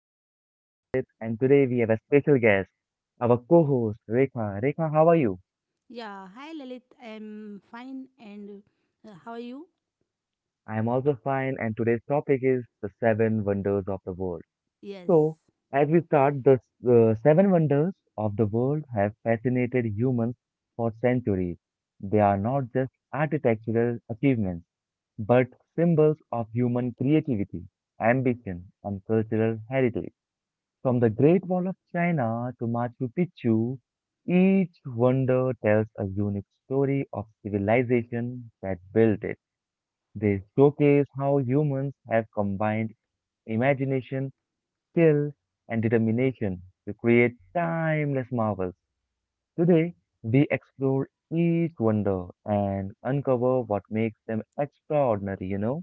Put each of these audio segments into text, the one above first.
lovely host, Lalit, and today we have a special guest, our co host, Rekha. Rekha, how are you? Yeah, hi Lalit. I'm fine and how are you? I'm also fine, and today's topic is the seven wonders of the world. Yes. So, as we start, the seven wonders of the world have fascinated humans for centuries. They are not just architectural achievements, but symbols of human creativity, ambition, and cultural heritage. From the Great Wall of China to Machu Picchu, each wonder tells a unique story of civilization that built it. They showcase how humans have combined imagination, skill, and determination to create timeless marvels. Today, we explore each wonder and uncover what makes them extraordinary,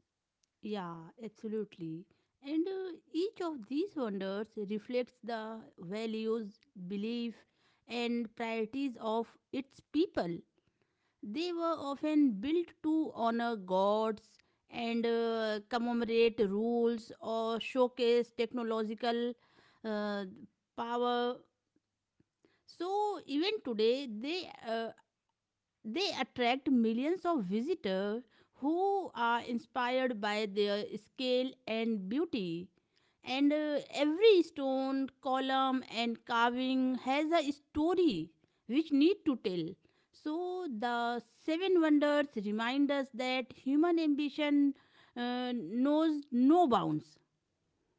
Yeah, absolutely. And each of these wonders reflects the values, belief and priorities of its people. They were often built to honor gods and commemorate rules or showcase technological uh, power, so even today, they attract millions of visitors who are inspired by their scale and beauty. And every stone, column, and carving has a story which need to tell. So the seven wonders remind us that human ambition knows no bounds.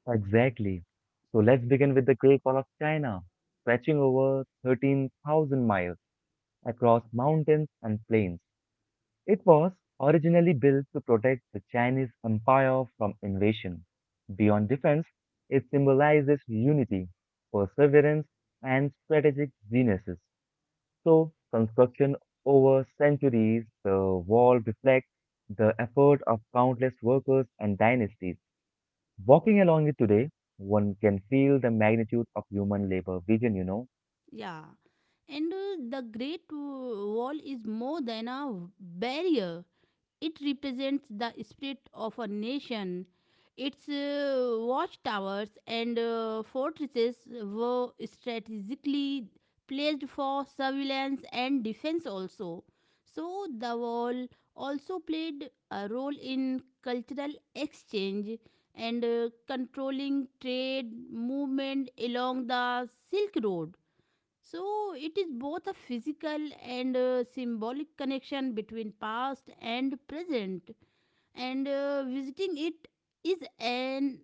Exactly. So let's begin with the Great Wall of China, stretching over 13,000 miles across mountains and plains. It was originally built to protect the Chinese Empire from invasion. Beyond defense, it symbolizes unity, perseverance, and strategic geniuses. So, construction over centuries, the wall reflects the effort of countless workers and dynasties. Walking along it today, one can feel the magnitude of human labor vision. Yeah. And the Great Wall is more than a barrier. It represents the spirit of a nation. Its watchtowers and fortresses were strategically placed for surveillance and defense also. So the wall also played a role in cultural exchange and controlling trade movement along the Silk Road. So it is both a physical and symbolic connection between past and present, and visiting it is an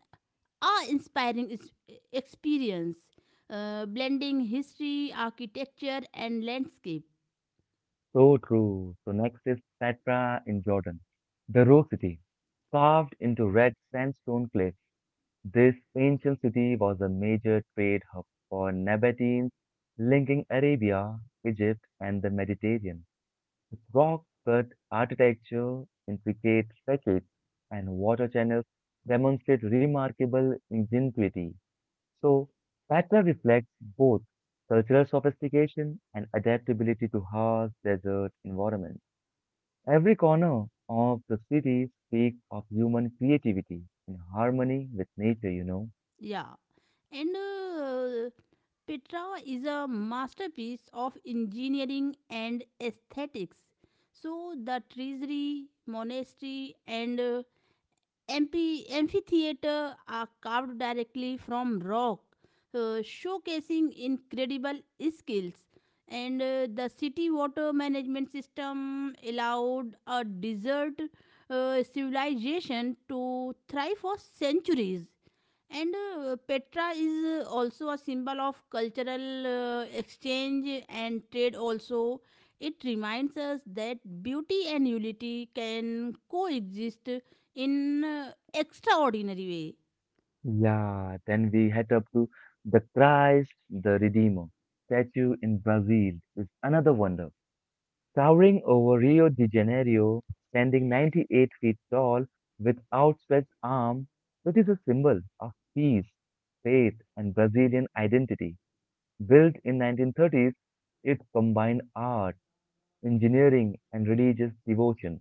awe-inspiring experience, blending history, architecture, and landscape. So true. So next is Petra in Jordan, the Rose City, carved into red sandstone cliffs. This ancient city was a major trade hub for Nabateans, linking Arabia, Egypt, and the Mediterranean. Its rock-cut architecture, intricate facades, and water channels demonstrate remarkable ingenuity. So Petra reflects both cultural sophistication and adaptability to harsh desert environments. Every corner of the city speaks of human creativity in harmony with nature. Yeah, and Petra is a masterpiece of engineering and aesthetics. So the treasury, monastery, and amphitheater are carved directly from rock, showcasing incredible skills. And the city water management system allowed a desert civilization to thrive for centuries. And Petra is also a symbol of cultural exchange and trade, also. It reminds us that beauty and unity can coexist in extraordinary way. Yeah, then we head up to the Christ the Redeemer statue in Brazil is another wonder. Towering over Rio de Janeiro, standing 98 feet tall with outstretched arms, it is a symbol of peace, faith, and Brazilian identity. Built in 1930s, it combined art, engineering, and religious devotion.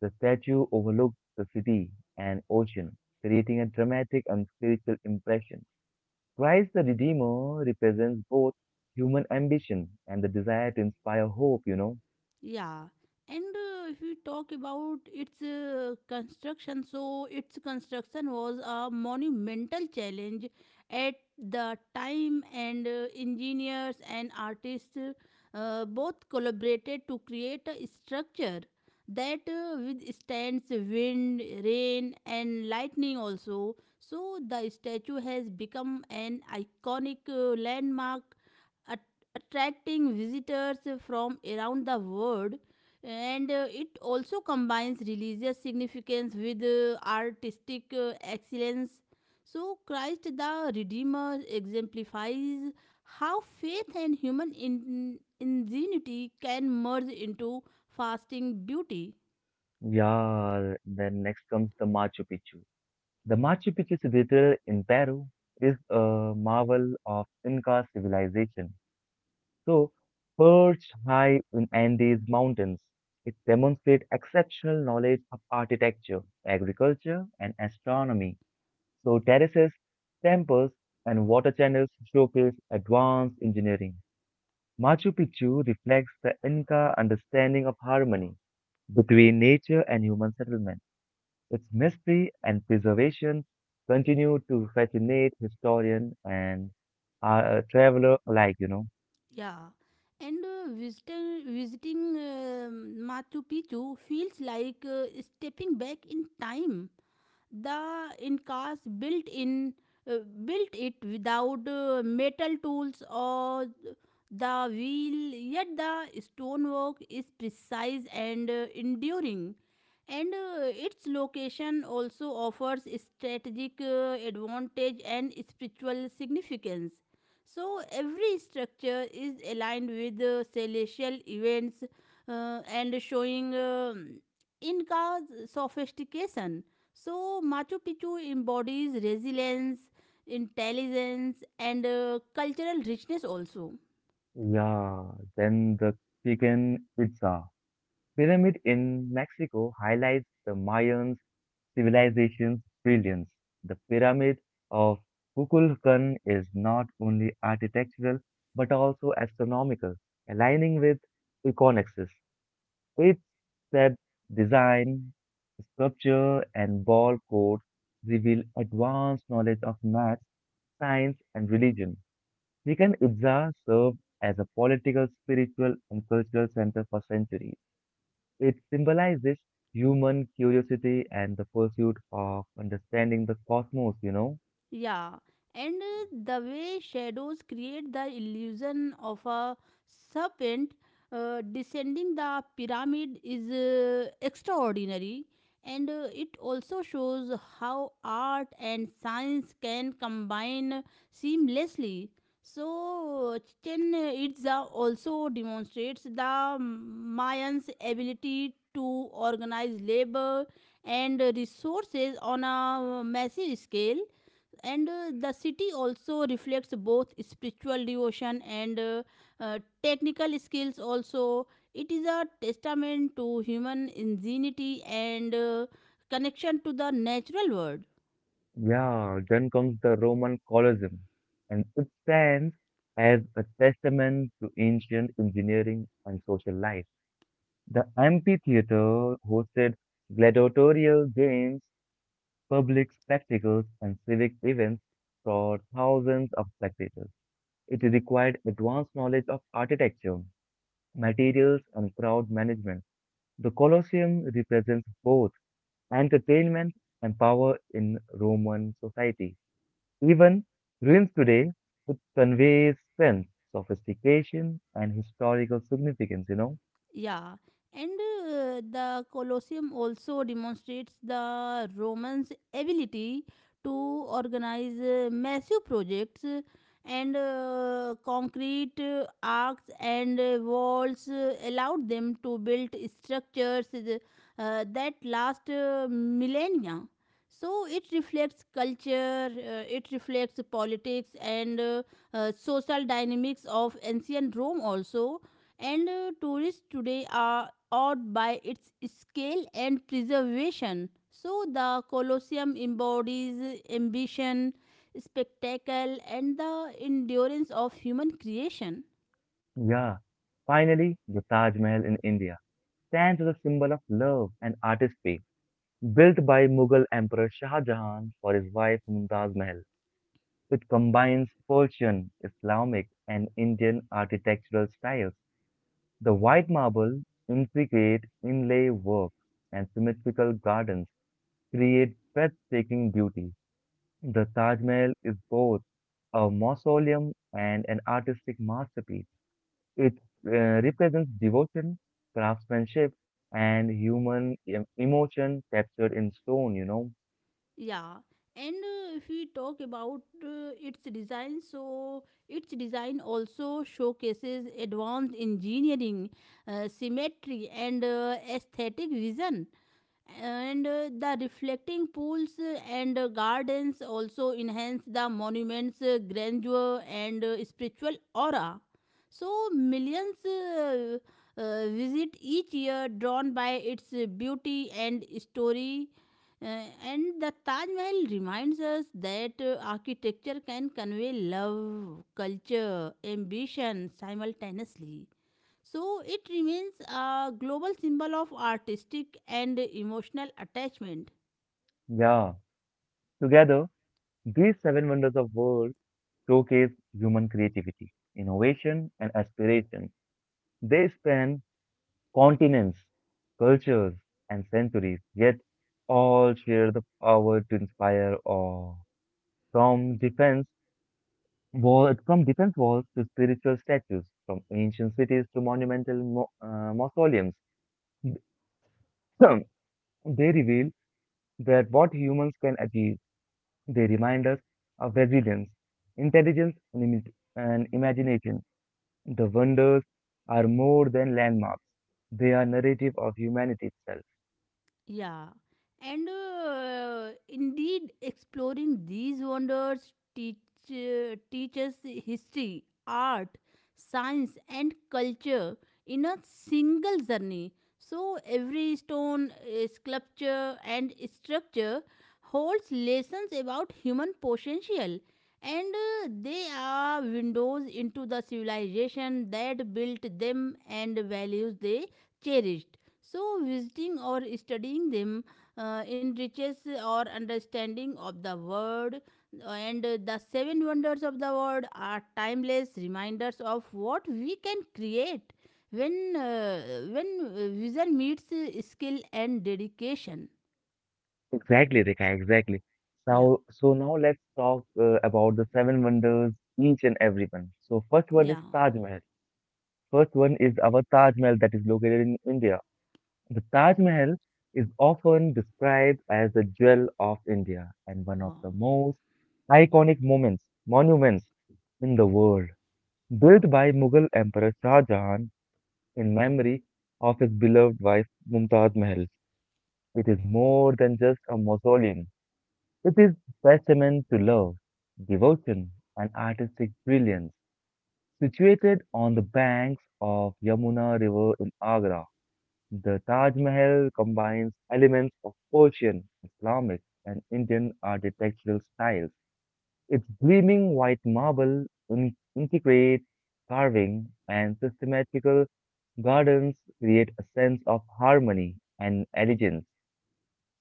The statue overlooks the city and ocean, creating a dramatic and spiritual impression. Christ the Redeemer represents both human ambition and the desire to inspire hope. Yeah, and if we talk about its construction, so its construction was a monumental challenge at the time, and engineers and artists both collaborated to create a structure that withstands wind, rain, and lightning also. So the statue has become an iconic landmark a attracting visitors from around the world, and it also combines religious significance with artistic excellence. So Christ the Redeemer exemplifies how faith and human ingenuity can merge into fasting beauty. Yeah, then next comes the Machu Picchu. The Machu Picchu citadel in Peru is a marvel of Inca civilization. So, perched high in Andes mountains, it demonstrates exceptional knowledge of architecture, agriculture, and astronomy. So terraces, temples, and water channels showcase advanced engineering. Machu Picchu reflects the Inca understanding of harmony between nature and human settlement. Its mystery and preservation continue to fascinate historians and traveler alike. Yeah, and visiting um Machu Picchu feels like stepping back in time. The Incas uh, built it without metal tools or the wheel, yet the stonework is precise and enduring. And its location also offers strategic advantage and spiritual significance. So every structure is aligned with celestial events, and showing Inca's sophistication. So Machu Picchu embodies resilience, intelligence, and cultural richness also. Yeah, then the chicken pizza. Pyramid in Mexico highlights the Mayans civilization's brilliance. The Pyramid of Kukulkan is not only architectural but also astronomical, aligning with Equinoxes. Its said design, sculpture, and ball codes reveal advanced knowledge of math, science, and religion. Chichen Itza served as a political, spiritual, and cultural center for centuries. It symbolizes human curiosity and the pursuit of understanding the cosmos. Yeah, and the way shadows create the illusion of a serpent descending the pyramid is extraordinary, and it also shows how art and science can combine seamlessly. So Chichen Itza also demonstrates the Mayans' ability to organize labor and resources on a massive scale, and the city also reflects both spiritual devotion and technical skills also. It is a testament to human ingenuity and connection to the natural world. Yeah, then comes the Roman Colosseum, and it stands as a testament to ancient engineering and social life. The amphitheater hosted gladiatorial games, public spectacles, and civic events for thousands of spectators. It required advanced knowledge of architecture, materials, and crowd management. The Colosseum represents both entertainment and power in Roman society. Even ruins today, it conveys strength, sophistication, and historical significance? Yeah, and the Colosseum also demonstrates the Romans' ability to organize massive projects, and concrete arcs and walls allowed them to build structures that last millennia. So it reflects culture, it reflects politics and social dynamics of ancient Rome also, and tourists today are awed by its scale and preservation. So the Colosseum embodies ambition, spectacle, and the endurance of human creation. Yeah. Finally, the Taj Mahal in India stands as a symbol of love and artistry. Built by Mughal Emperor Shah Jahan for his wife Mumtaz Mahal, it combines Persian, Islamic, and Indian architectural styles. The white marble, intricate inlay work, and symmetrical gardens create breathtaking beauty. The Taj Mahal is both a mausoleum and an artistic masterpiece. It represents devotion, craftsmanship, and human emotion captured in stone? Yeah. And if we talk about its design, so its design also showcases advanced engineering, symmetry, and aesthetic vision, and the reflecting pools and gardens also enhance the monument's grandeur and spiritual aura. So millions visit each year, drawn by its beauty and story. And the Taj Mahal reminds us that architecture can convey love, culture, ambition simultaneously. So it remains a global symbol of artistic and emotional attachment. Yeah. Together, these seven wonders of world showcase human creativity, innovation, and aspiration. They span continents, cultures, and centuries, yet all share the power to inspire awe. From defense from defense walls to spiritual statues, from ancient cities to monumental mausoleums, they reveal that what humans can achieve. They remind us of resilience, intelligence, and imagination. The wonders are more than landmarks; they are narrative of humanity itself. Yeah, and indeed, exploring these wonders teaches history, art, science, and culture in a single journey. So every stone, sculpture, and structure holds lessons about human potential, and they are windows into the civilization that built them and values they cherished. So visiting or studying them enriches our understanding of the world, and the seven wonders of the world are timeless reminders of what we can create when vision meets skill and dedication. Exactly, Rika, exactly. Yeah, Now, so now let's talk about the seven wonders, each and every one. So first one is yeah, Taj Mahal. First one is our Taj Mahal that is located in India. The Taj Mahal is often described as the jewel of India and one of wow. the most iconic monuments in the world. Built by Mughal Emperor Shah Jahan in memory of his beloved wife Mumtaz Mahal, it is more than just a mausoleum. It is testament to love, devotion, and artistic brilliance. Situated on the banks of Yamuna River in Agra, the Taj Mahal combines elements of Persian, Islamic, and Indian architectural styles. Its gleaming white marble, intricate carving, and systematical gardens create a sense of harmony and elegance.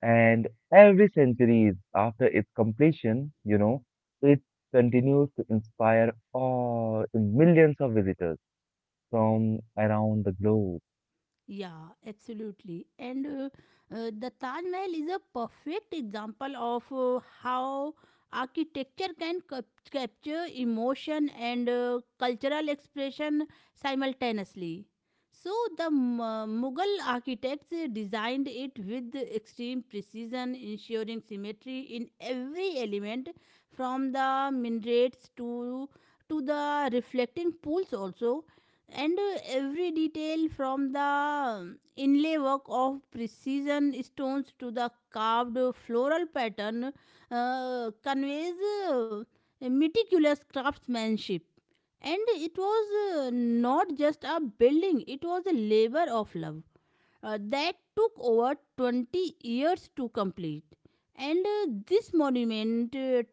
And every century after its completion, it continues to inspire all millions of visitors from around the globe. Yeah, absolutely. And the Taj Mahal is a perfect example of how architecture can capture emotion and cultural expression simultaneously. So the Mughal architects designed it with extreme precision, ensuring symmetry in every element from the minarets to the reflecting pools, also, and every detail from the inlay work of precision stones to the carved floral pattern conveys uh, meticulous craftsmanship, and it was not just a building, it was a labor of love that took over 20 years to complete. And this monument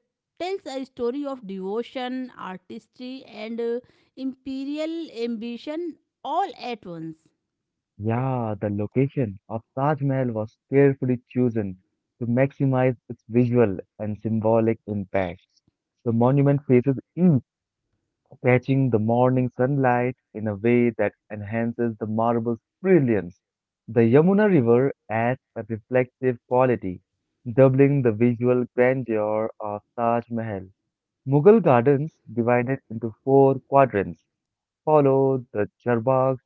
tells a story of devotion, artistry, and imperial ambition all at once. Yeah, the location of Taj Mahal was carefully chosen to maximize its visual and symbolic impact. The monument faces east catching the morning sunlight in a way that enhances the marble's brilliance. The Yamuna River adds a reflective quality, doubling the visual grandeur of Taj Mahal. Mughal gardens, divided into four quadrants, follow the Charbagh,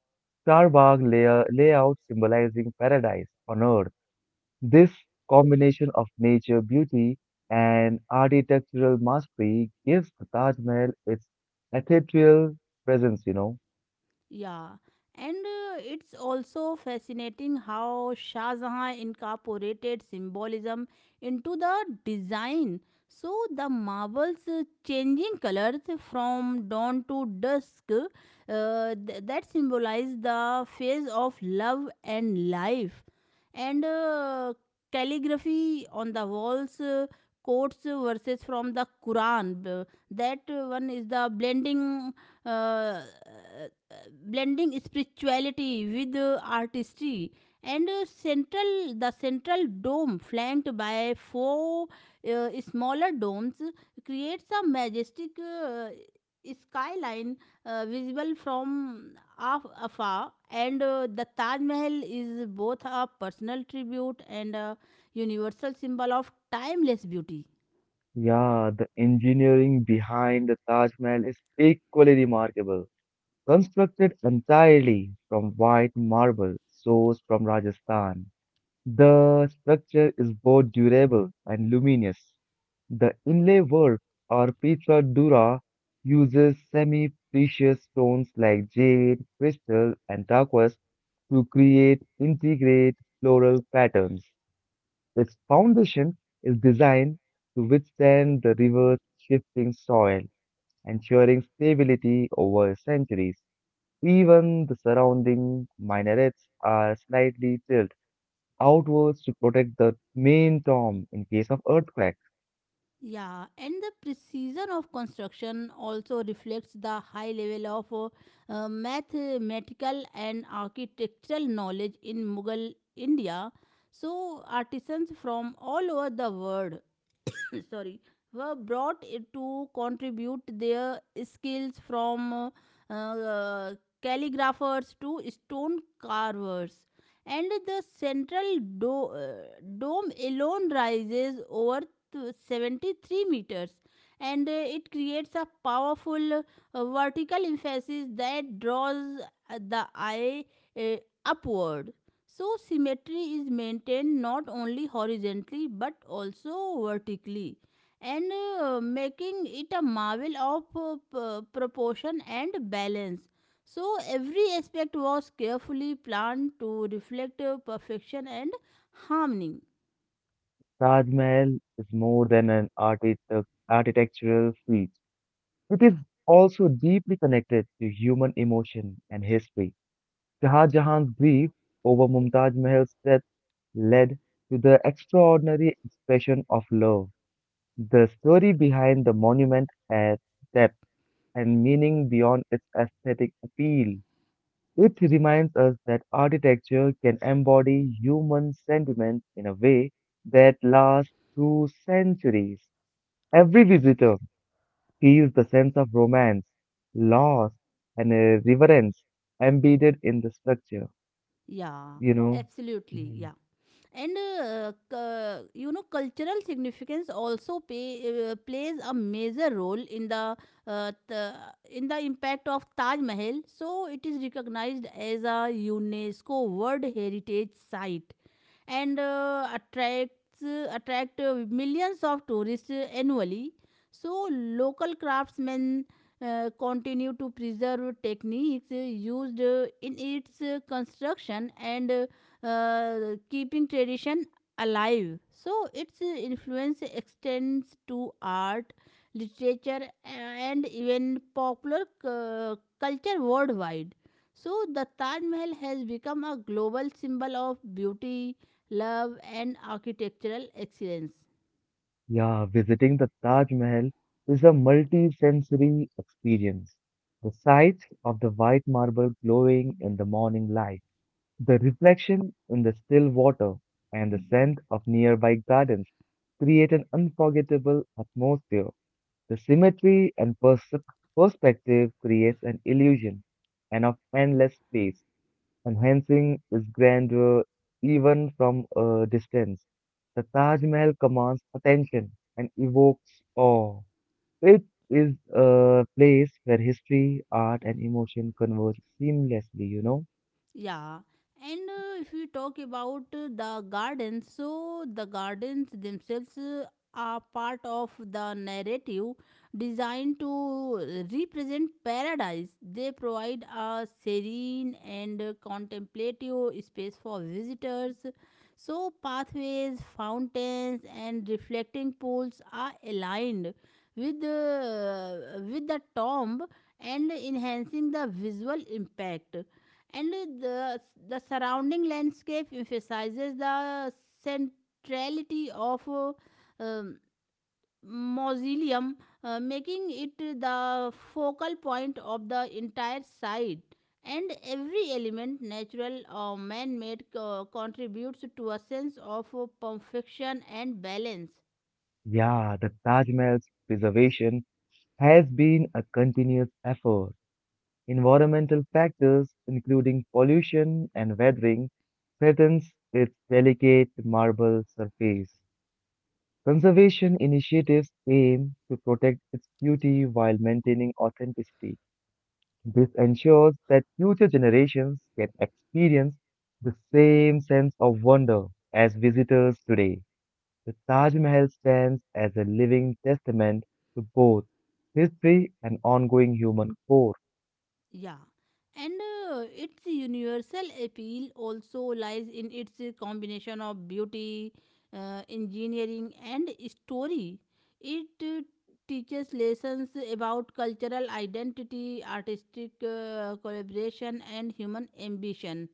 Charbagh layout symbolizing paradise on earth. This combination of nature beauty and architectural mastery gives the Taj Mahal its ethereal presence. Yeah, and it's also fascinating how Shah Jahan incorporated symbolism into the design. So the marbles changing colors from dawn to dusk that symbolize the phase of love and life. And calligraphy on the walls quotes verses from the Quran. That one is the uh, blending spirituality with artistry, and central the central dome flanked by four smaller domes creates a majestic skyline visible from afar, and the Taj Mahal is both a personal tribute and a universal symbol of timeless beauty. Yeah, the engineering behind the Taj Mahal is equally remarkable. Constructed entirely from white marble sourced from Rajasthan, the structure is both durable and luminous. The inlay work or Petra Dura uses semi-precious stones like jade, crystal, and turquoise to create integrate floral patterns. Its foundation is designed to withstand the river's shifting soil, ensuring stability over centuries. Even the surrounding minarets are slightly tilted outwards to protect the main tomb in case of earthquake. Yeah, and the precision of construction also reflects the high level of mathematical and architectural knowledge in Mughal India. So artisans from all over the world sorry were brought to contribute their skills, from calligraphers to stone carvers, and the central do- uh, dome alone rises over 73 meters, and it creates a powerful vertical emphasis that draws the eye uh, upward. So symmetry is maintained not only horizontally but also vertically, and making it a marvel of proportion and balance. So every aspect was carefully planned to reflect perfection and harmony. Taj Mahal is more than an architectural feat. It is also deeply connected to human emotion and history. Shah Jahan's grief over Mumtaz Mahal's death led to the extraordinary expression of love. The story behind the monument adds depth and meaning beyond its aesthetic appeal. It reminds us that architecture can embody human sentiment in a way that lasts through centuries. Every visitor feels the sense of romance, loss, and reverence embedded in the structure, Yeah, you know. absolutely. Mm. Yeah. And cultural significance also plays a major role uh, the in the impact of Taj Mahal, so it is recognized as a UNESCO World Heritage Site, and attracts attract millions of tourists annually. So local craftsmen continue to preserve techniques used in its construction, and keeping tradition alive. So its influence extends to art, literature, and even popular culture worldwide. So the Taj Mahal has become a global symbol of beauty, love, and architectural excellence. Yeah, visiting the Taj Mahal is a multi-sensory experience. The sight of the white marble glowing in the morning light, the reflection in the still water and the scent of nearby gardens create an unforgettable atmosphere. The symmetry and perspective creates an illusion and of endless space, enhancing its grandeur even from a distance. The Taj Mahal commands attention and evokes awe. It is a place where history, art, and emotion converge seamlessly. Yeah, and if we talk about the gardens, so the gardens themselves are part of the narrative designed to represent paradise. They provide a serene and contemplative space for visitors. So pathways, fountains, and reflecting pools are aligned with the tomb, and enhancing the visual impact, and the, the surrounding landscape emphasizes the centrality of um, mausoleum making it the focal point of the entire site, and every element, natural or man-made, contributes to a sense of perfection and balance. Yeah, the Taj Mahal's preservation has been a continuous effort. Environmental factors, including pollution and weathering, threatens its delicate marble surface. Conservation initiatives aim to protect its beauty while maintaining authenticity. This ensures that future generations can experience the same sense of wonder as visitors today. The Taj Mahal stands as a living testament to both history and ongoing human core. Yeah, and its universal appeal also lies in its combination of beauty, engineering, and story. It teaches lessons about cultural identity, artistic collaboration, and human ambition.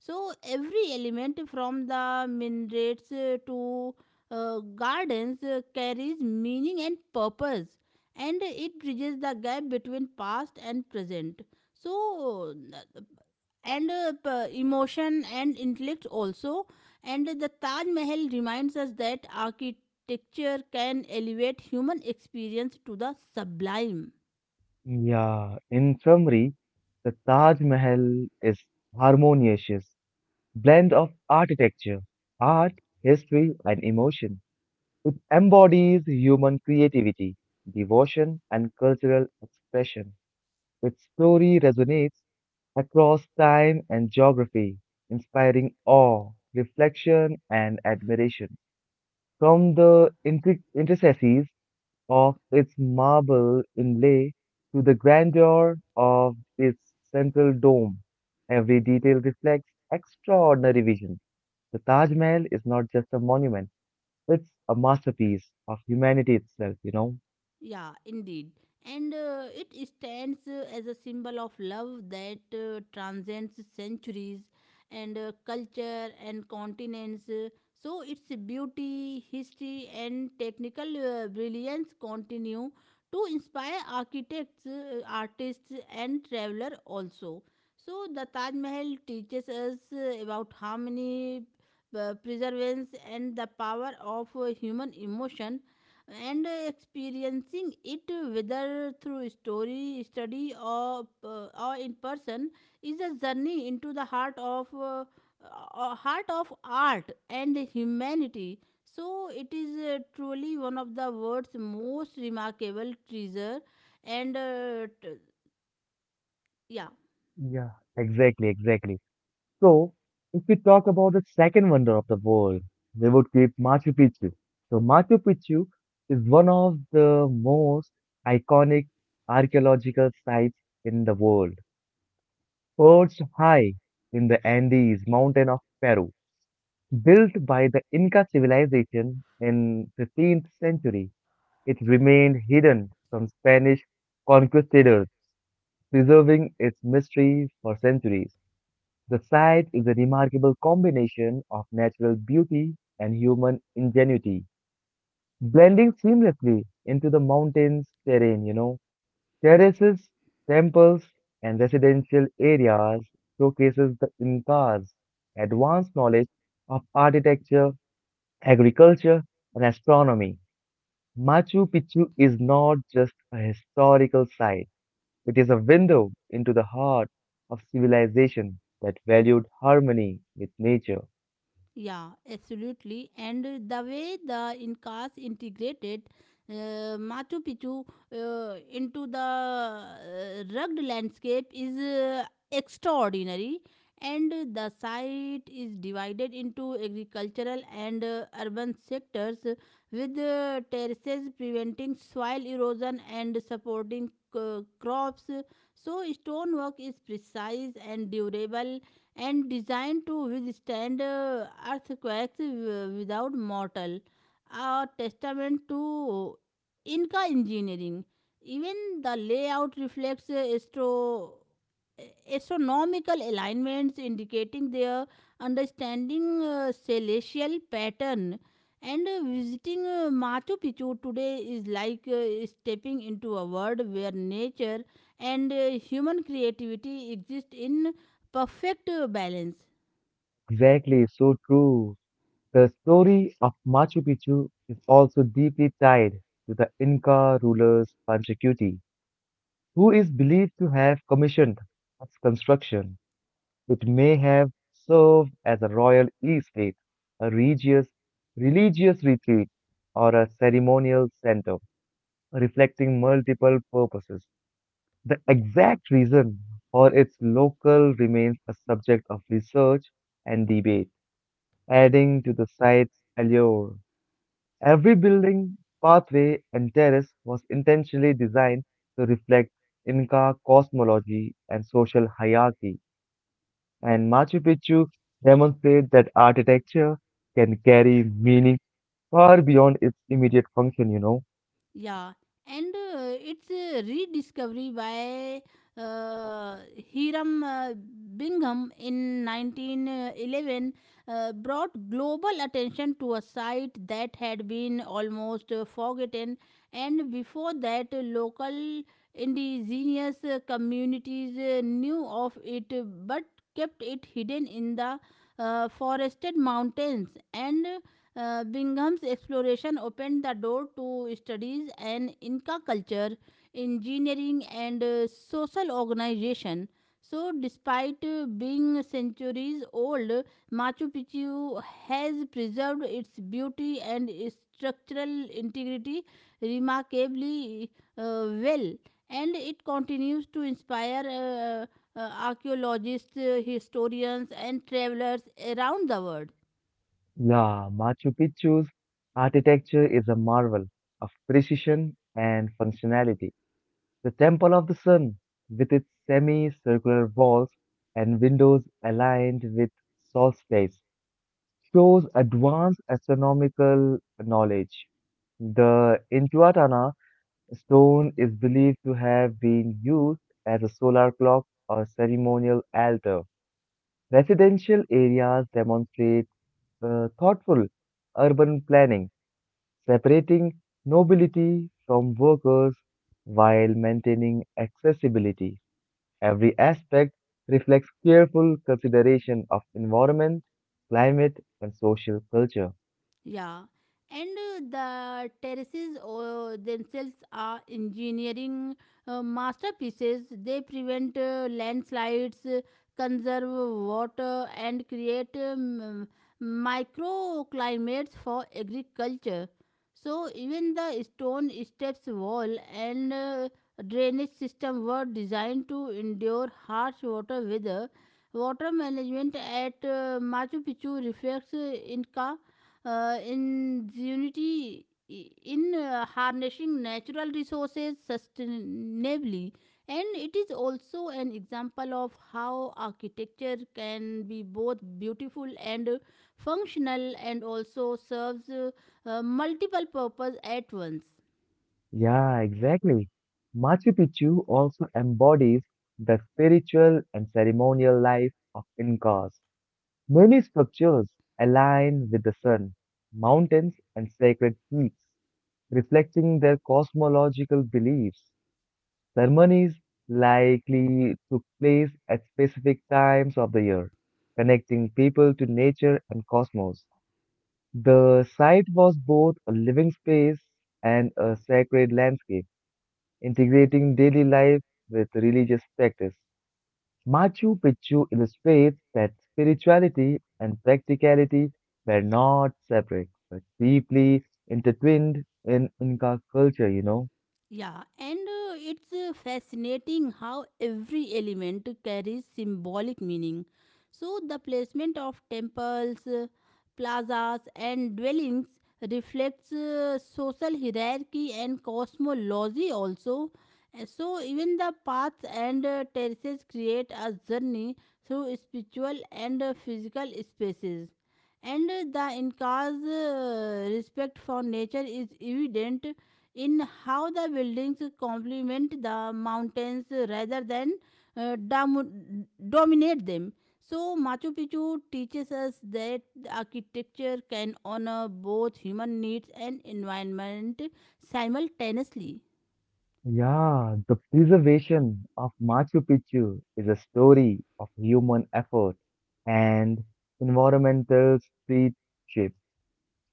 So every element from the minarets to gardens carries meaning and purpose, and it bridges the gap between past and present, so, n- and emotion and intellect also. And the Taj Mahal reminds us that architecture can elevate human experience to the sublime. Yeah, in summary, the Taj Mahal is harmonious blend of architecture, art, history, and emotion. It embodies human creativity, devotion, and cultural expression. Its story resonates across time and geography, inspiring awe, reflection, and admiration. From the intricacies of its marble inlay to the grandeur of its central dome, every detail reflects extraordinary vision. The Taj Mahal is not just a monument, it's a masterpiece of humanity itself? Yeah, indeed. And it stands as a symbol of love that transcends centuries and culture and continents. So its beauty, history, and technical brilliance continue to inspire architects, artists, and travelers also. So the Taj Mahal teaches us about harmony, preservance, and the power of human emotion, and experiencing it, whether through story study or in person, is a journey into the heart of art and humanity. So it is truly one of the world's most remarkable treasure, and uh, t- yeah Yeah, exactly, exactly. So, if we talk about the second wonder of the world, we would keep Machu Picchu. So, Machu Picchu is one of the most iconic archaeological sites in the world, perched high in the Andes mountain of Peru. Built by the Inca civilization in 15th century, it remained hidden from Spanish conquistadors, preserving its mystery for centuries. The site is a remarkable combination of natural beauty and human ingenuity, blending seamlessly into the mountain's terrain. Terraces, temples, and residential areas showcases the Inca's advanced knowledge of architecture, agriculture, and astronomy. Machu Picchu is not just a historical site, it is a window into the heart of civilization that valued harmony with nature. Yeah, absolutely. And the way the Incas integrated uh, Machu Picchu into the rugged landscape is extraordinary. And the site is divided into agricultural and urban sectors, with terraces preventing soil erosion and supporting crops. So stonework is precise and durable, and designed to withstand earthquakes without mortal, a testament to Inca engineering. Even the layout reflects uh, astronomical alignments, indicating their understanding celestial pattern. And visiting Machu Picchu today is like stepping into a world where nature and human creativity exist in perfect balance. Exactly, so true. The story of Machu Picchu is also deeply tied to the Inca rulers Panchakuti, who is believed to have commissioned its construction. It may have served as a royal estate, a religious retreat, or a ceremonial center, reflecting multiple purposes. The exact reason for its local remains a subject of research and debate, adding to the site's allure. Every building, pathway, and terrace was intentionally designed to reflect Inca cosmology and social hierarchy, and Machu Picchu demonstrates that architecture can carry meaning far beyond its immediate function. Yeah. And it's a rediscovery by uh, Hiram Bingham in 1911 brought global attention to a site that had been almost forgotten. And before that, local indigenous communities knew of it, but kept it hidden in the forested mountains. And Bingham's exploration opened the door to studies and Inca culture, engineering, and social organization. So, despite being centuries old, Machu Picchu has preserved its beauty and its structural integrity remarkably, uh, well, and it continues to inspire archaeologists, historians, and travelers around the world. Yeah, Machu Picchu's architecture is a marvel of precision and functionality. The Temple of the Sun, with its semicircular walls and windows aligned with solstice, shows advanced astronomical knowledge. The Intihuatana stone is believed to have been used as a solar clock or ceremonial altar. Residential areas demonstrate thoughtful urban planning, separating nobility from workers while maintaining accessibility. Every aspect reflects careful consideration of environment, climate, and social culture. Yeah, and the terraces themselves are engineering masterpieces. They prevent landslides, conserve water, and create microclimates for agriculture. So, even the stone steps wall and drainage system were designed to endure harsh water weather. Water management at Machu Picchu reflects Inca in unity in harnessing natural resources sustainably, and it is also an example of how architecture can be both beautiful and functional and also serves multiple purpose at once. Yeah, exactly. Machu Picchu also embodies the spiritual and ceremonial life of Incas. Many structures align with the sun, mountains, and sacred peaks, reflecting their cosmological beliefs. Ceremonies likely took place at specific times of the year, connecting people to nature and cosmos. The site was both a living space and a sacred landscape, integrating daily life with religious practice. Machu Picchu illustrates that spirituality and practicality were not separate, but deeply intertwined in Inca culture, you know. Yeah, and it's fascinating how every element carries symbolic meaning. So, the placement of temples, plazas, and dwellings reflects social hierarchy and cosmology also. So, even the paths and terraces create a journey through spiritual and physical spaces. And the Inca's respect for nature is evident in how the buildings complement the mountains rather than dominate them. So, Machu Picchu teaches us that architecture can honor both human needs and environment simultaneously. Yeah, the preservation of Machu Picchu is a story of human effort and environmental stewardship.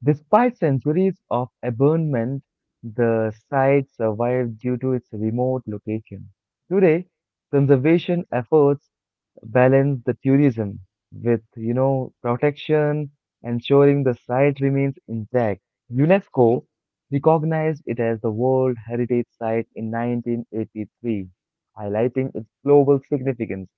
Despite centuries of abandonment, the site survived due to its remote location. Today, conservation efforts balance the tourism with, you know, protection, ensuring the site remains intact. UNESCO recognized it as the World Heritage Site in 1983, highlighting its global significance.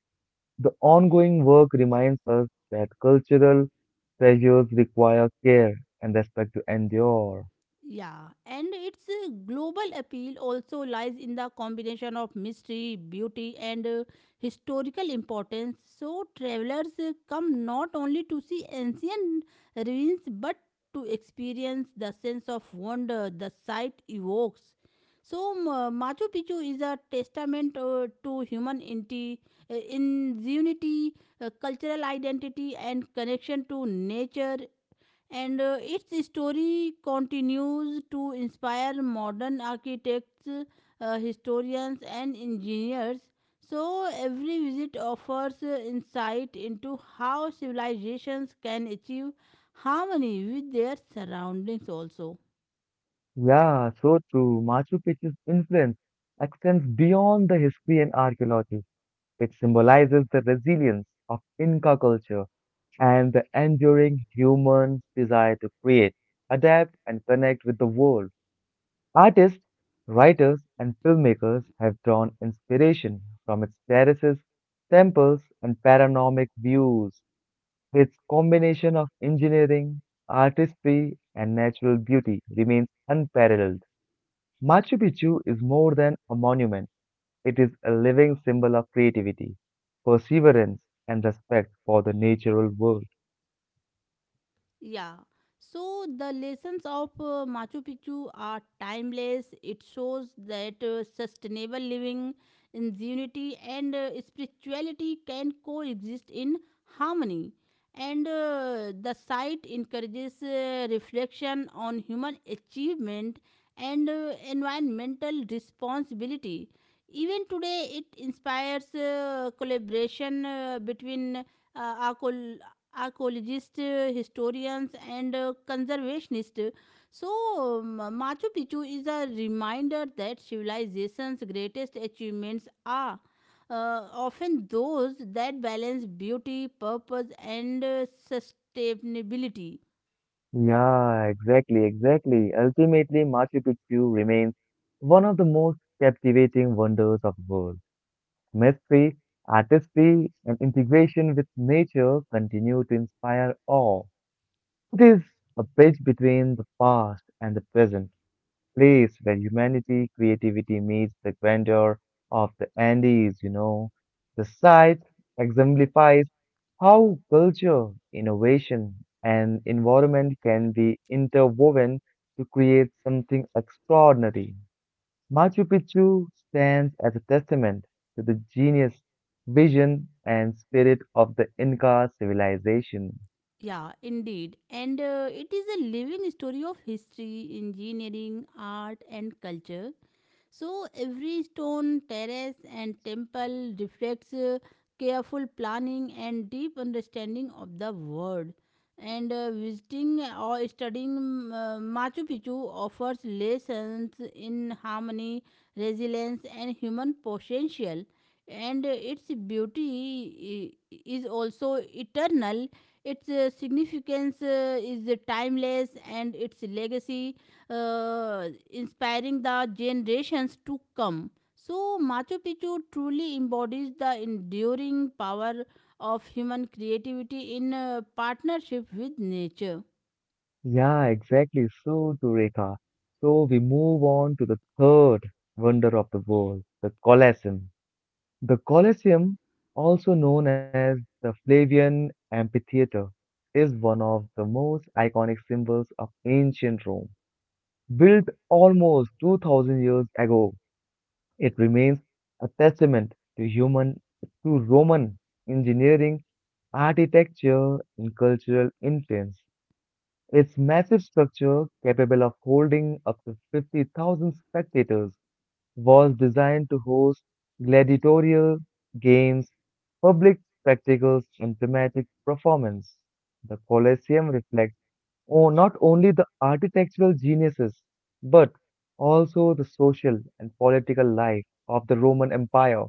The ongoing work reminds us that cultural treasures require care and respect to endure. Yeah, and its global appeal also lies in the combination of mystery, beauty, and historical importance. So, travelers come not only to see ancient ruins but to experience the sense of wonder the site evokes. So, Machu Picchu is a testament to human in unity, cultural identity, and connection to nature, and its story continues to inspire modern architects, historians, and engineers. So, every visit offers insight into how civilizations can achieve harmony with their surroundings, also. Yeah, so true. Machu Picchu's influence extends beyond the history and archaeology. It symbolizes the resilience of Inca culture and the enduring human desire to create, adapt, and connect with the world. Artists, writers, and filmmakers have drawn inspiration from its terraces, temples, and panoramic views. Its combination of engineering, artistry, and natural beauty remains unparalleled. Machu Picchu is more than a monument. It is a living symbol of creativity, perseverance, and respect for the natural world. Yeah. So the lessons of Machu Picchu are timeless. It shows that sustainable living, ingenuity, and spirituality can coexist in harmony. And the site encourages reflection on human achievement and environmental responsibility. Even today, it inspires collaboration between uh, archaeologists, historians, and conservationists. So, Machu Picchu is a reminder that civilization's greatest achievements are often those that balance beauty, purpose, and sustainability. Yeah, exactly, exactly. Ultimately, Machu Picchu remains one of the most captivating wonders of the world. Mystery, artistry, and integration with nature continue to inspire awe. It is a bridge between the past and the present, place where humanity, creativity meets the grandeur of the Andes, you know. The site exemplifies how culture, innovation, and environment can be interwoven to create something extraordinary. Machu Picchu stands as a testament to the genius, vision, and spirit of the Inca civilization. Yeah, indeed. And it is a living story of history, engineering, art, and culture. So every stone, terrace, and temple reflects careful planning and deep understanding of the world. And visiting or studying Machu Picchu offers lessons in harmony, resilience, and human potential. And its beauty is also eternal. Its significance is timeless, and its legacy, inspiring the generations to come. So, Machu Picchu truly embodies the enduring power of human creativity in partnership with nature. Yeah, exactly. So, Dureka. So, we move on to the third wonder of the world, the Colosseum. The Colosseum, also known as the Flavian Amphitheater, is one of the most iconic symbols of ancient Rome. Built almost 2000 years ago, it remains a testament to human, to Roman engineering, architecture, and cultural influence. Its massive structure, capable of holding up to 50,000 spectators, was designed to host gladiatorial games, public spectacles, and dramatic performance. The Colosseum reflects not only the architectural geniuses, but also the social and political life of the Roman Empire.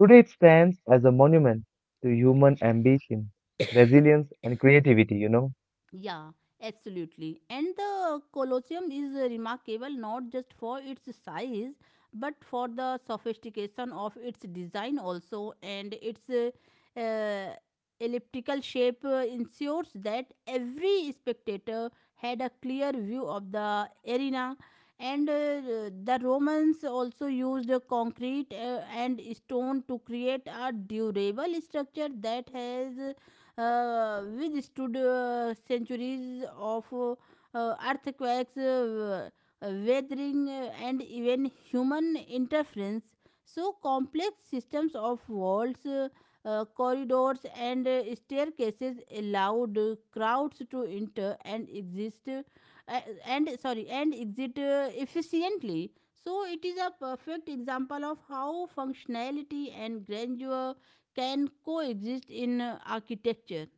Today it stands as a monument to human ambition, resilience, and creativity, you know. Yeah, absolutely. And the Colosseum is remarkable not just for its size but for the sophistication of its design also, and its uh, elliptical shape ensures that every spectator had a clear view of the arena. And the Romans also used concrete and stone to create a durable structure that has which centuries of earthquakes, weathering, and even human interference. So, complex systems of walls, corridors, and staircases allowed crowds to enter and exist and sorry and exit efficiently. So, it is a perfect example of how functionality and grandeur can coexist in architecture.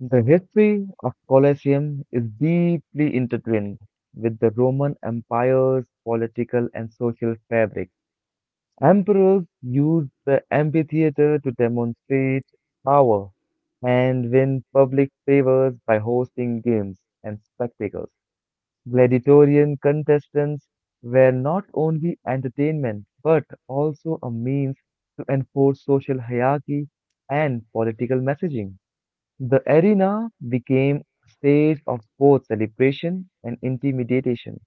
The history of Colosseum is deeply intertwined with the Roman Empire's political and social fabric. Emperors used the amphitheater to demonstrate power and win public favors by hosting games and spectacles. Gladiatorian contestants were not only entertainment but also a means to enforce social hierarchy and political messaging. The arena became a stage of sports celebration and intimidation,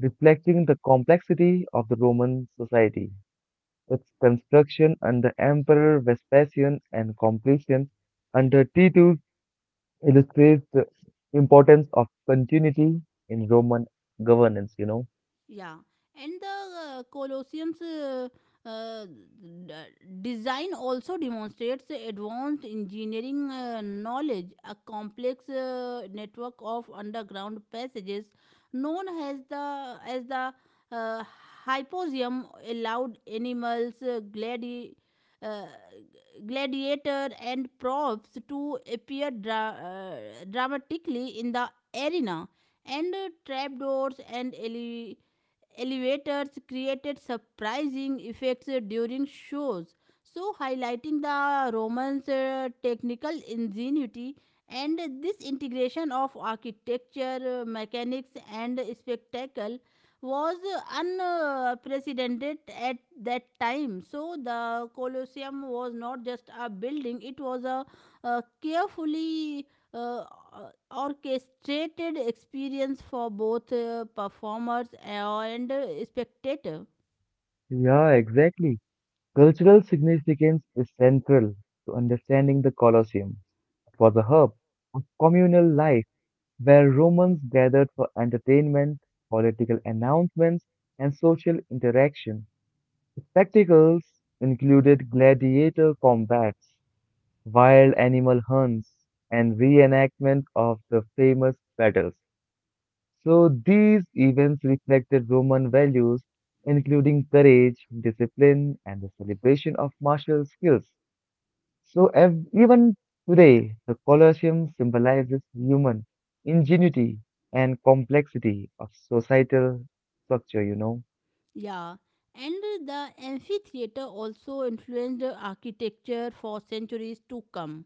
reflecting the complexity of the Roman society. Its construction under Emperor Vespasian and completion under Titus illustrates the importance of continuity in Roman governance, you know. Yeah, and the Colosseum's uh, d- design also demonstrates advanced engineering knowledge. A complex network of underground passages, known as the uh, Hypogeum, allowed animals, uh, gladiator, and props to appear dramatically in the arena, and trapdoors and elevators created surprising effects during shows, so highlighting the Romans' technical ingenuity. And this integration of architecture, mechanics, and spectacle was unprecedented at that time. So the Colosseum was not just a building; it was a carefully uh, uh, orchestrated experience for both performers and spectator. Yeah, exactly. Cultural significance is central to understanding the Colosseum. It was a hub of communal life where Romans gathered for entertainment, political announcements, and social interaction. Spectacles included gladiator combats, wild animal hunts, and reenactment of the famous battles. So these events reflected Roman values, including courage, discipline, and the celebration of martial skills. So even today, the Colosseum symbolizes human ingenuity and complexity of societal structure, you know. Yeah, and the amphitheater also influenced the architecture for centuries to come.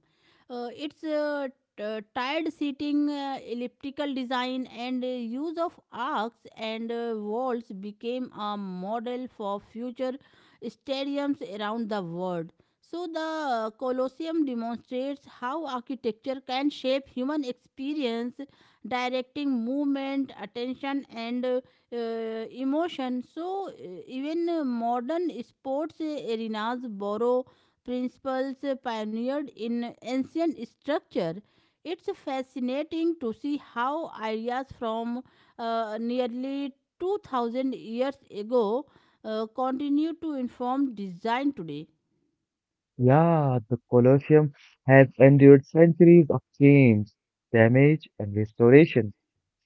Its tired seating, elliptical design, and use of arcs and walls became a model for future stadiums around the world. So, the Colosseum demonstrates how architecture can shape human experience, directing movement, attention, and emotion. So, even modern sports arenas borrow principles pioneered in ancient structure. It's fascinating to see how ideas from nearly 2000 years ago continue to inform design today. Yeah, the Colosseum has endured centuries of change, damage, and restoration.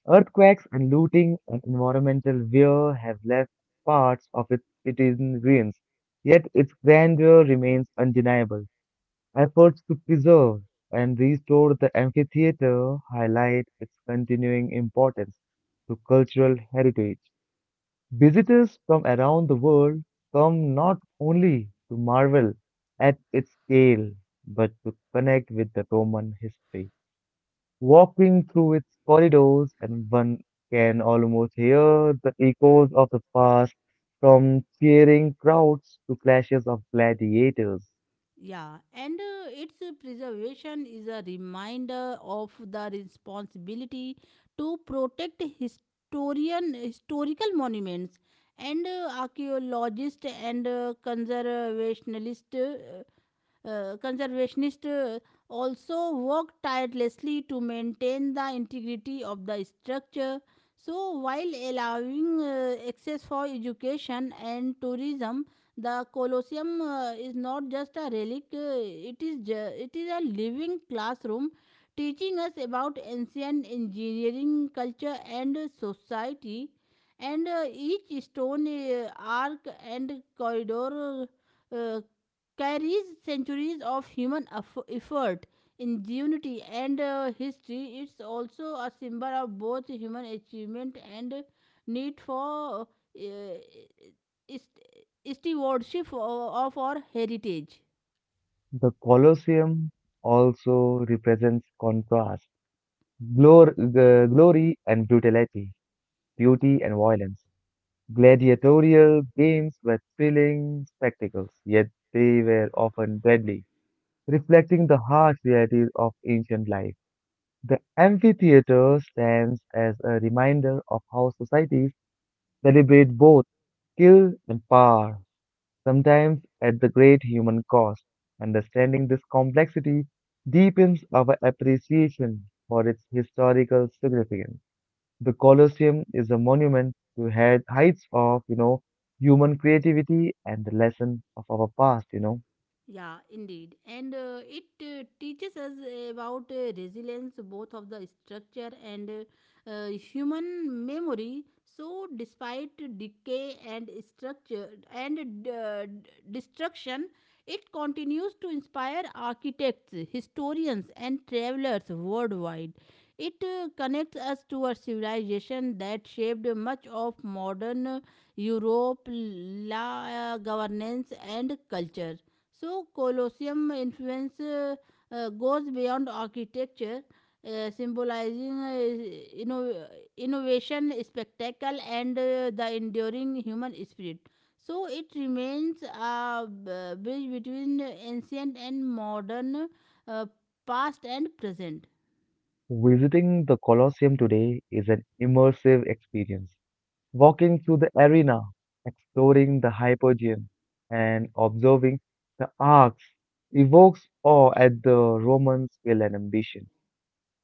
Earthquakes and looting and environmental wear have left parts of its cities in ruins, yet its grandeur remains undeniable. Efforts to preserve and restore the amphitheater highlight its continuing importance to cultural heritage. Visitors from around the world come not only to marvel at its scale, but to connect with the Roman history. Walking through its corridors, and one can almost hear the echoes of the past, from cheering crowds to clashes of gladiators. Yeah, and its preservation is a reminder of the responsibility to protect historian historical monuments, and archaeologists and conservationists uh, conservationists uh, also work tirelessly to maintain the integrity of the structure. So, while allowing access for education and tourism, the Colosseum is not just a relic, it is a living classroom teaching us about ancient engineering, culture, and society. And each stone, arc, and corridor uh, carries centuries of human effort, ingenuity, and history. It's also a symbol of both human achievement and need for is- stewardship of our heritage. The Colosseum also represents contrast, glory and brutality, beauty and violence. Gladiatorial games were thrilling spectacles, yet they were often deadly, reflecting the harsh realities of ancient life. The amphitheater stands as a reminder of how societies celebrate both skill and power, sometimes at the great human cost. Understanding this complexity deepens our appreciation for its historical significance. The Colosseum is a monument to head heights of, you know, human creativity and the lesson of our past, you know. Yeah, indeed. And it teaches us about resilience, both of the structure and human memory. So, despite decay and structure and destruction, it continues to inspire architects, historians, and travelers worldwide. It connects us to a civilization that shaped much of modern Europe, la governance, and culture. So, Colosseum influence goes beyond architecture, symbolizing innovation, spectacle, and the enduring human spirit. So, it remains a bridge between ancient and modern, uh, past and present. Visiting the Colosseum today is an immersive experience, walking through the arena, exploring the Hypogeum, and observing the arcs, evokes awe at the Roman skill and ambition.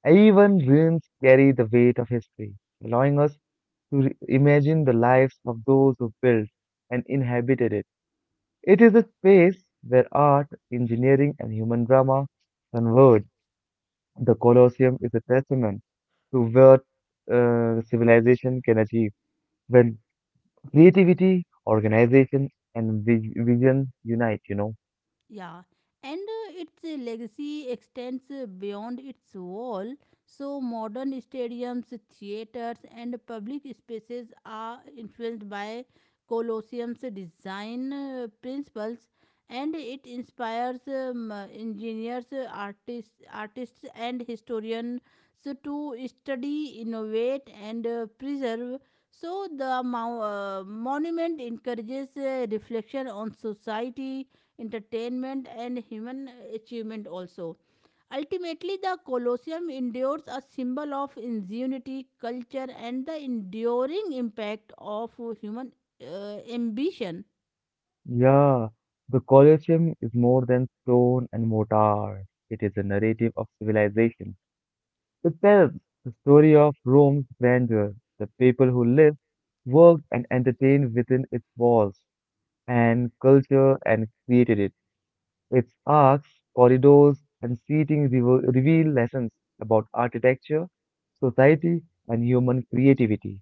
Even ruins carry the weight of history, allowing us to imagine the lives of those who built and inhabited it. It is a space where art, engineering, and human drama converge. The Colosseum is a testament to what civilization can achieve when creativity, organization, and vision unite, you know. Yeah, and its legacy extends beyond its wall. So, modern stadiums, theaters, and public spaces are influenced by Colosseum's design principles, and it inspires engineers, artists, and historians to study, innovate, and preserve. So, the monument encourages reflection on society, entertainment, and human achievement also. Ultimately, the Colosseum endures a symbol of ingenuity, culture, and the enduring impact of human ambition. Yeah, the Colosseum is more than stone and mortar. It is a narrative of civilization. It tells the story of Rome's grandeur, the people who lived, worked, and entertained within its walls, and culture and created it. Its arcs, corridors, and seating reveal lessons about architecture, society, and human creativity.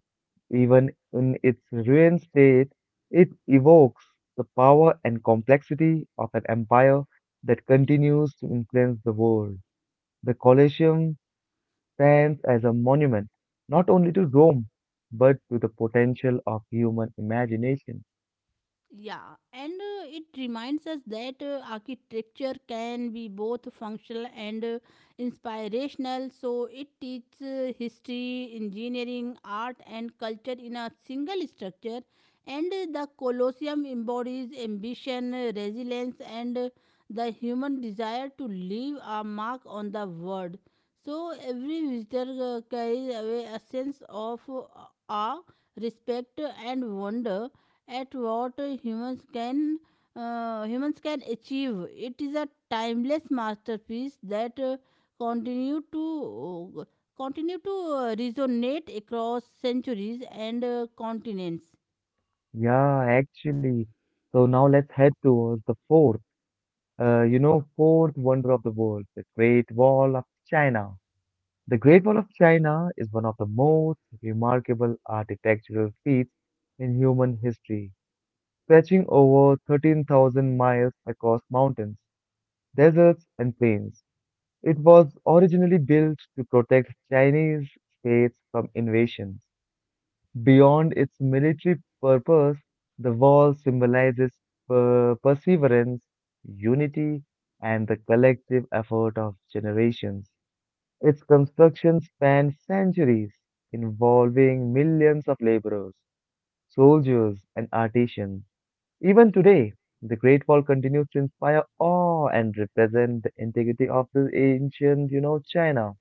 Even in its ruined state, it evokes the power and complexity of an empire that continues to influence the world. The Colosseum stands as a monument not only to Rome, but to the potential of human imagination. Yeah, and it reminds us that architecture can be both functional and inspirational. So it teaches history, engineering, art, and culture in a single structure. And the Colosseum embodies ambition, resilience, and the human desire to leave a mark on the world. So every visitor carries away a sense of awe, respect, and wonder at what humans can achieve. It is a timeless masterpiece that continue to uh, continue to resonate across centuries and continents. Yeah, actually. So now let's head towards the fourth you know, fourth wonder of the world, the Great Wall of China. The Great Wall of China is one of the most remarkable architectural feats in human history, stretching over 13,000 miles across mountains, deserts, and plains. It was originally built to protect Chinese states from invasion. Beyond its military purpose, the wall symbolizes perseverance, unity, and the collective effort of generations. Its construction spanned centuries, involving millions of laborers, soldiers, and artisans. Even today, the Great Wall continues to inspire awe and represent the integrity of the ancient, you know, China.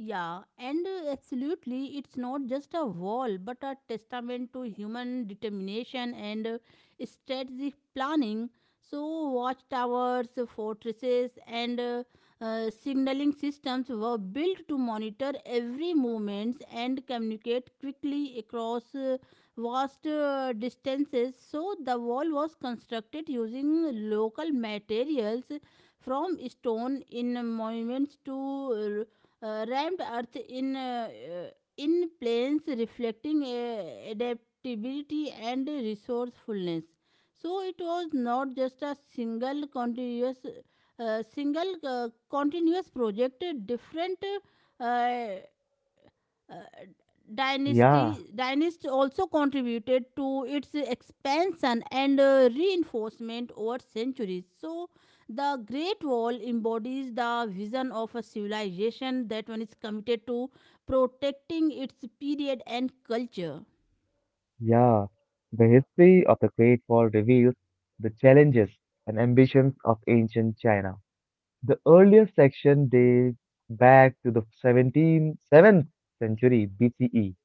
Yeah, and absolutely, it's not just a wall but a testament to human determination and strategic planning. So, watchtowers, fortresses, and signaling systems were built to monitor every movement and communicate quickly across vast distances. So, the wall was constructed using local materials, from stone in monuments to rammed earth uh, in planes, reflecting adaptability and resourcefulness. So it was not just a single continuous project. Different uh, uh, Yeah. dynasty also contributed to its expansion and reinforcement over centuries. So the Great Wall embodies the vision of a civilization that one is committed to protecting its period and culture. Yeah, the history of the Great Wall reveals the challenges and ambitions of ancient China. The earliest section dates back to the 17th, 7th century BCE,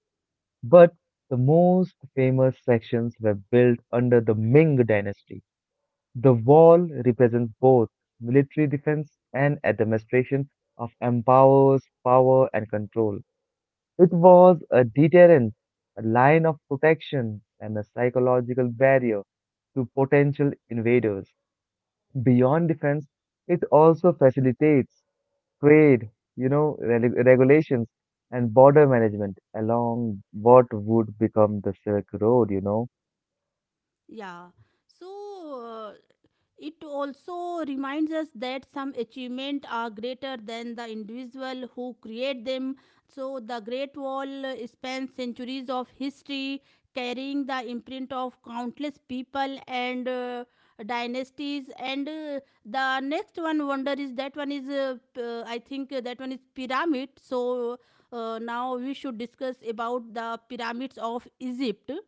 but the most famous sections were built under the Ming dynasty. The wall represents both military defense and administration of empires, power, and control. It was a deterrent, a line of protection, and a psychological barrier to potential invaders. Beyond defense, it also facilitates trade, you know, regulations and border management along what would become the Silk Road, you know. Yeah. So uh, it also reminds us that some achievements are greater than the individual who create them. So, the Great Wall spans centuries of history, carrying the imprint of countless people and dynasties. And the next one wonder is that one is, I think that one is pyramid. So, now we should discuss about the pyramids of Egypt.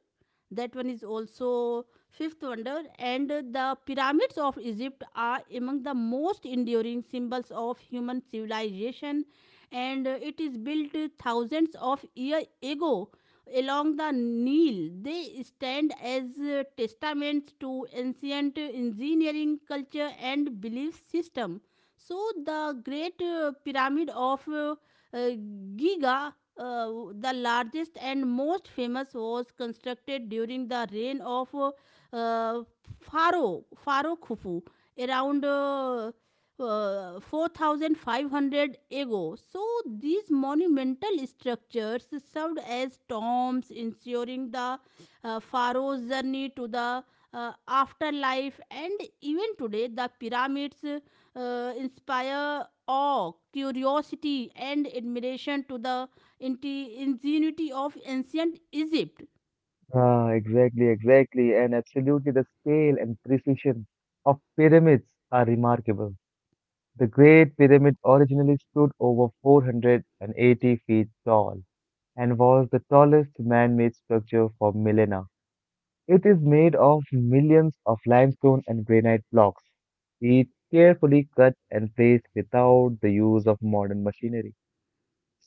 That one is also Fifth wonder, and the pyramids of Egypt are among the most enduring symbols of human civilization, and it is built thousands of years ago along the Nile. They stand as testaments to ancient engineering culture and belief system. So, the Great Pyramid of uh, Giza, the largest and most famous, was constructed during the reign of uh, Faro Khufu, around 4500 ago. So, these monumental structures served as tombs, ensuring the pharaoh's journey to the afterlife. And even today, the pyramids inspire awe, curiosity, and admiration to the ingenuity of ancient Egypt. Ah, exactly, exactly. And absolutely, the scale and precision of pyramids are remarkable. The Great Pyramid originally stood over 480 feet tall, and was the tallest man-made structure for millennia. It is made of millions of limestone and granite blocks, each carefully cut and placed without the use of modern machinery.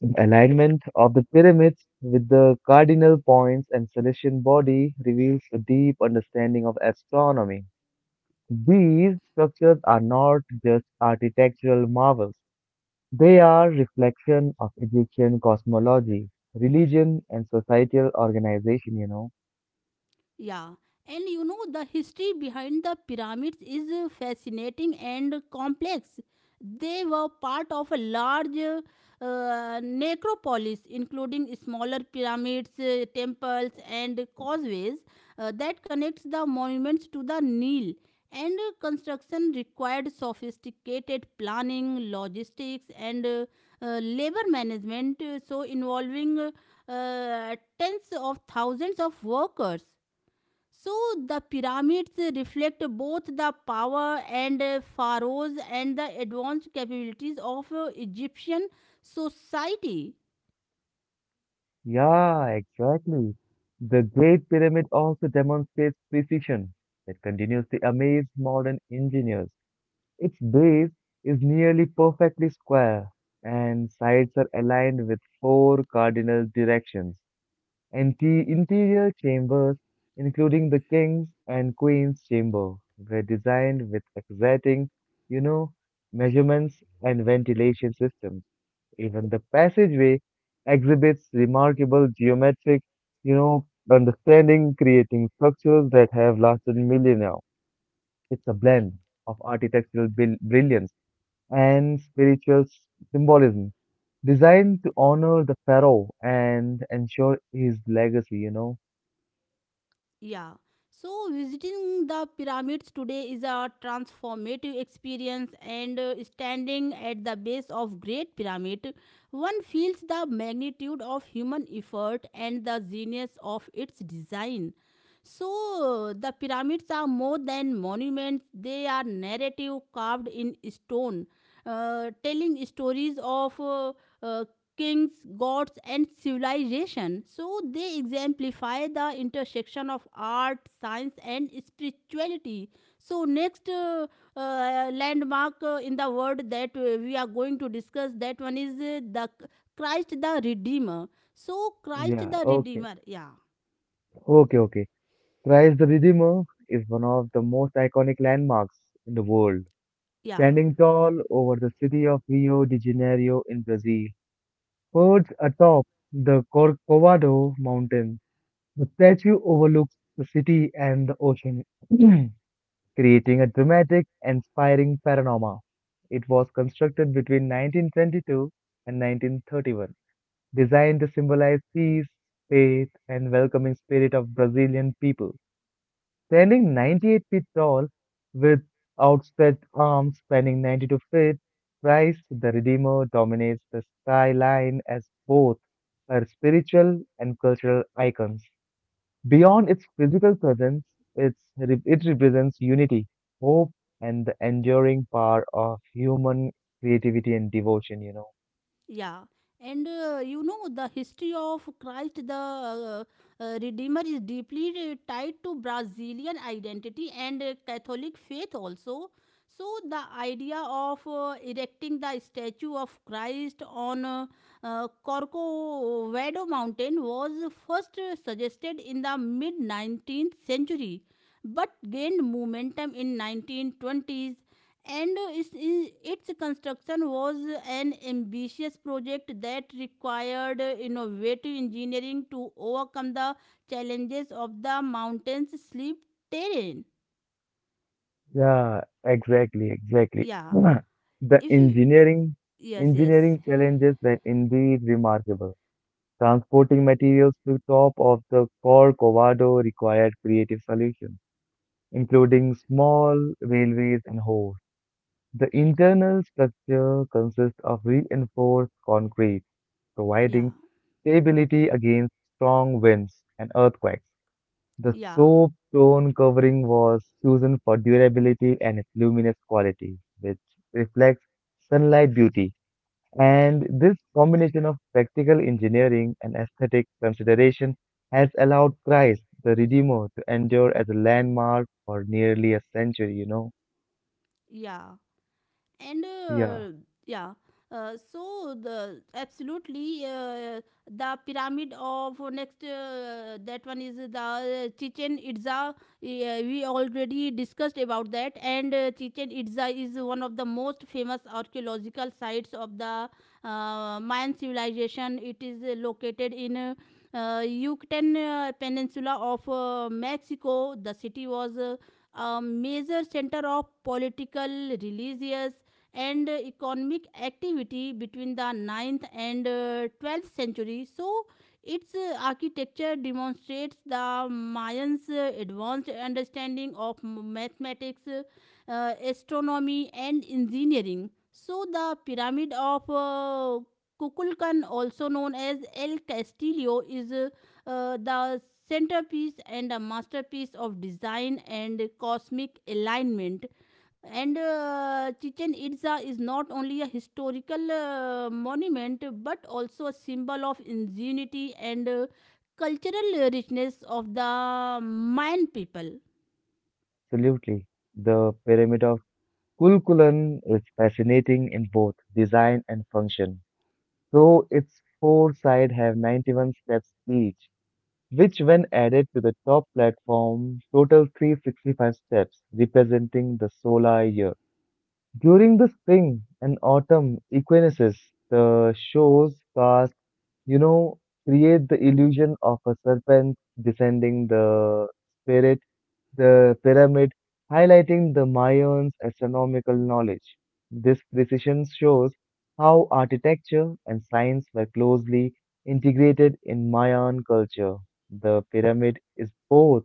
The alignment of the pyramids with the cardinal points and celestial body reveals a deep understanding of astronomy. These structures are not just architectural marvels. They are reflection of Egyptian cosmology, religion, and societal organization, you know. Yeah, and you know, the history behind the pyramids is fascinating and complex. They were part of a large necropolis, including smaller pyramids, temples, and causeways that connects the monuments to the Nile. And construction required sophisticated planning, logistics, and labor management, so involving tens of thousands of workers. So the pyramids reflect both the power and pharaohs and the advanced capabilities of Egyptian society. Yeah, exactly. The Great Pyramid also demonstrates precision that continues to amaze modern engineers. Its base is nearly perfectly square, and sides are aligned with four cardinal directions. And the interior chambers, including the king's and queen's chamber, were designed with exacting, you know, measurements and ventilation systems. Even the passageway exhibits remarkable geometric, you know, understanding, creating structures that have lasted millennia. It's a blend of architectural brilliance and spiritual symbolism, designed to honor the pharaoh and ensure his legacy, you know. Yeah. So visiting the pyramids today is a transformative experience, and standing at the base of Great Pyramid one feels the magnitude of human effort and the genius of its design. So the pyramids are more than monuments. They are narrative carved in stone, telling stories of uh, kings, gods, and civilization. So they exemplify the intersection of art, science, and spirituality. So next landmark in the world that we are going to discuss, that one is the Christ the Redeemer. So Christ Yeah, the okay. Redeemer, yeah, Okay, okay. Christ the Redeemer is one of the most iconic landmarks in the world. yeah. Standing tall over the city of Rio de Janeiro in Brazil, perched atop the Corcovado mountain, the statue overlooks the city and the ocean, creating a dramatic, inspiring panorama. It was constructed between 1922 and 1931, designed to symbolize peace, faith, and welcoming spirit of Brazilian people, standing 98 feet tall with outstretched arms spanning 92 feet. Christ the Redeemer dominates the skyline as both her spiritual and cultural icons. Beyond its physical presence, it represents unity, hope, and the enduring power of human creativity and devotion, you know. Yeah, and you know the history of Christ the Redeemer is deeply tied to Brazilian identity and Catholic faith also. So the idea of erecting the statue of Christ on Corcovado mountain was first suggested in the mid 19th century, but gained momentum in 1920s. And its construction was an ambitious project that required innovative engineering to overcome the challenges of the mountain's steep terrain. Yeah, exactly, exactly. Yeah. The If you. Yes, yes. engineering challenges that indeed remarkable. Transporting materials to top of the Corcovado required creative solutions, including small railways and holes. The internal structure consists of reinforced concrete, Yeah, providing stability against strong winds and earthquakes. The yeah, soap tone covering was chosen for durability and its luminous quality, which reflects sunlight beauty. And this combination of practical engineering and aesthetic consideration has allowed Christ the Redeemer to endure as a landmark for nearly a century, you know? yeah. And Yeah, yeah, so the absolutely, the pyramid of next, that one is the Chichen Itza. We already discussed about that. And Chichen Itza is one of the most famous archaeological sites of the Mayan civilization. It is located in Yucatan Peninsula of Mexico. The city was a major center of political, religious, and economic activity between the ninth and 12th century. So, its architecture demonstrates the Mayans' advanced understanding of mathematics, astronomy, and engineering. So, the pyramid of Kukulkan, also known as El Castillo, is the centerpiece and a masterpiece of design and cosmic alignment. And Chichen Itza is not only a historical monument but also a symbol of ingenuity and cultural richness of the Mayan people. absolutely. The pyramid of Kulkulan is fascinating in both design and function. So its four sides have 91 steps each, which when added to the top platform total 365 steps, representing the solar year. During the spring and autumn equinoxes, the show's cast, you know, create the illusion of a serpent descending the spirit the pyramid, highlighting the Mayans' astronomical knowledge. This precision shows how architecture and science were closely integrated in Mayan culture. The pyramid is both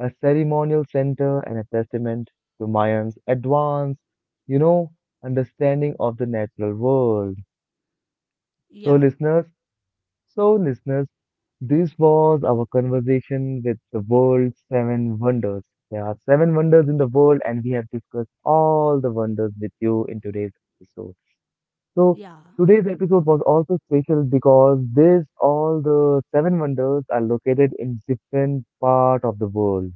a ceremonial center and a testament to Mayans' advanced, you know, understanding of the natural world. So, Yeah, listeners, so, listeners, this was our conversation with the world's seven wonders. There are seven wonders in the world, and we have discussed all the wonders with you in today's episode. So, yeah, today's episode was also special because this all the seven wonders are located in different part of the world,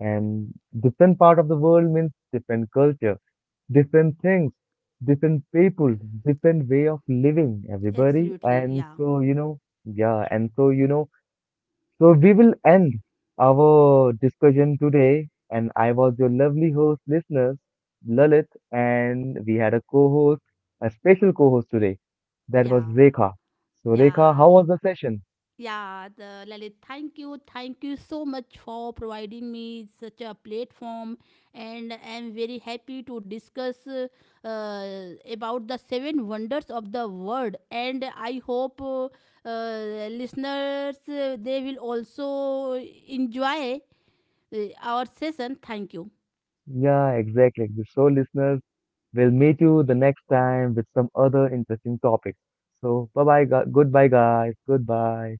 and different part of the world means different culture, different things, different people, different way of living, everybody. absolutely. And Yeah, so, you know, yeah, and so, you know, so we will end our discussion today. And I was your lovely host, listeners, Lalit, and we had a co-host, a special co-host today. That was yeah, Rekha. So, Rekha, yeah. how was the session? Yeah, the Lalit, thank you so much for providing me such a platform, and I'm very happy to discuss about the seven wonders of the world. And I hope listeners they will also enjoy our session. Thank you. Yeah, exactly. So, listeners, we'll meet you the next time with some other interesting topics. So, bye bye, goodbye, guys. Goodbye.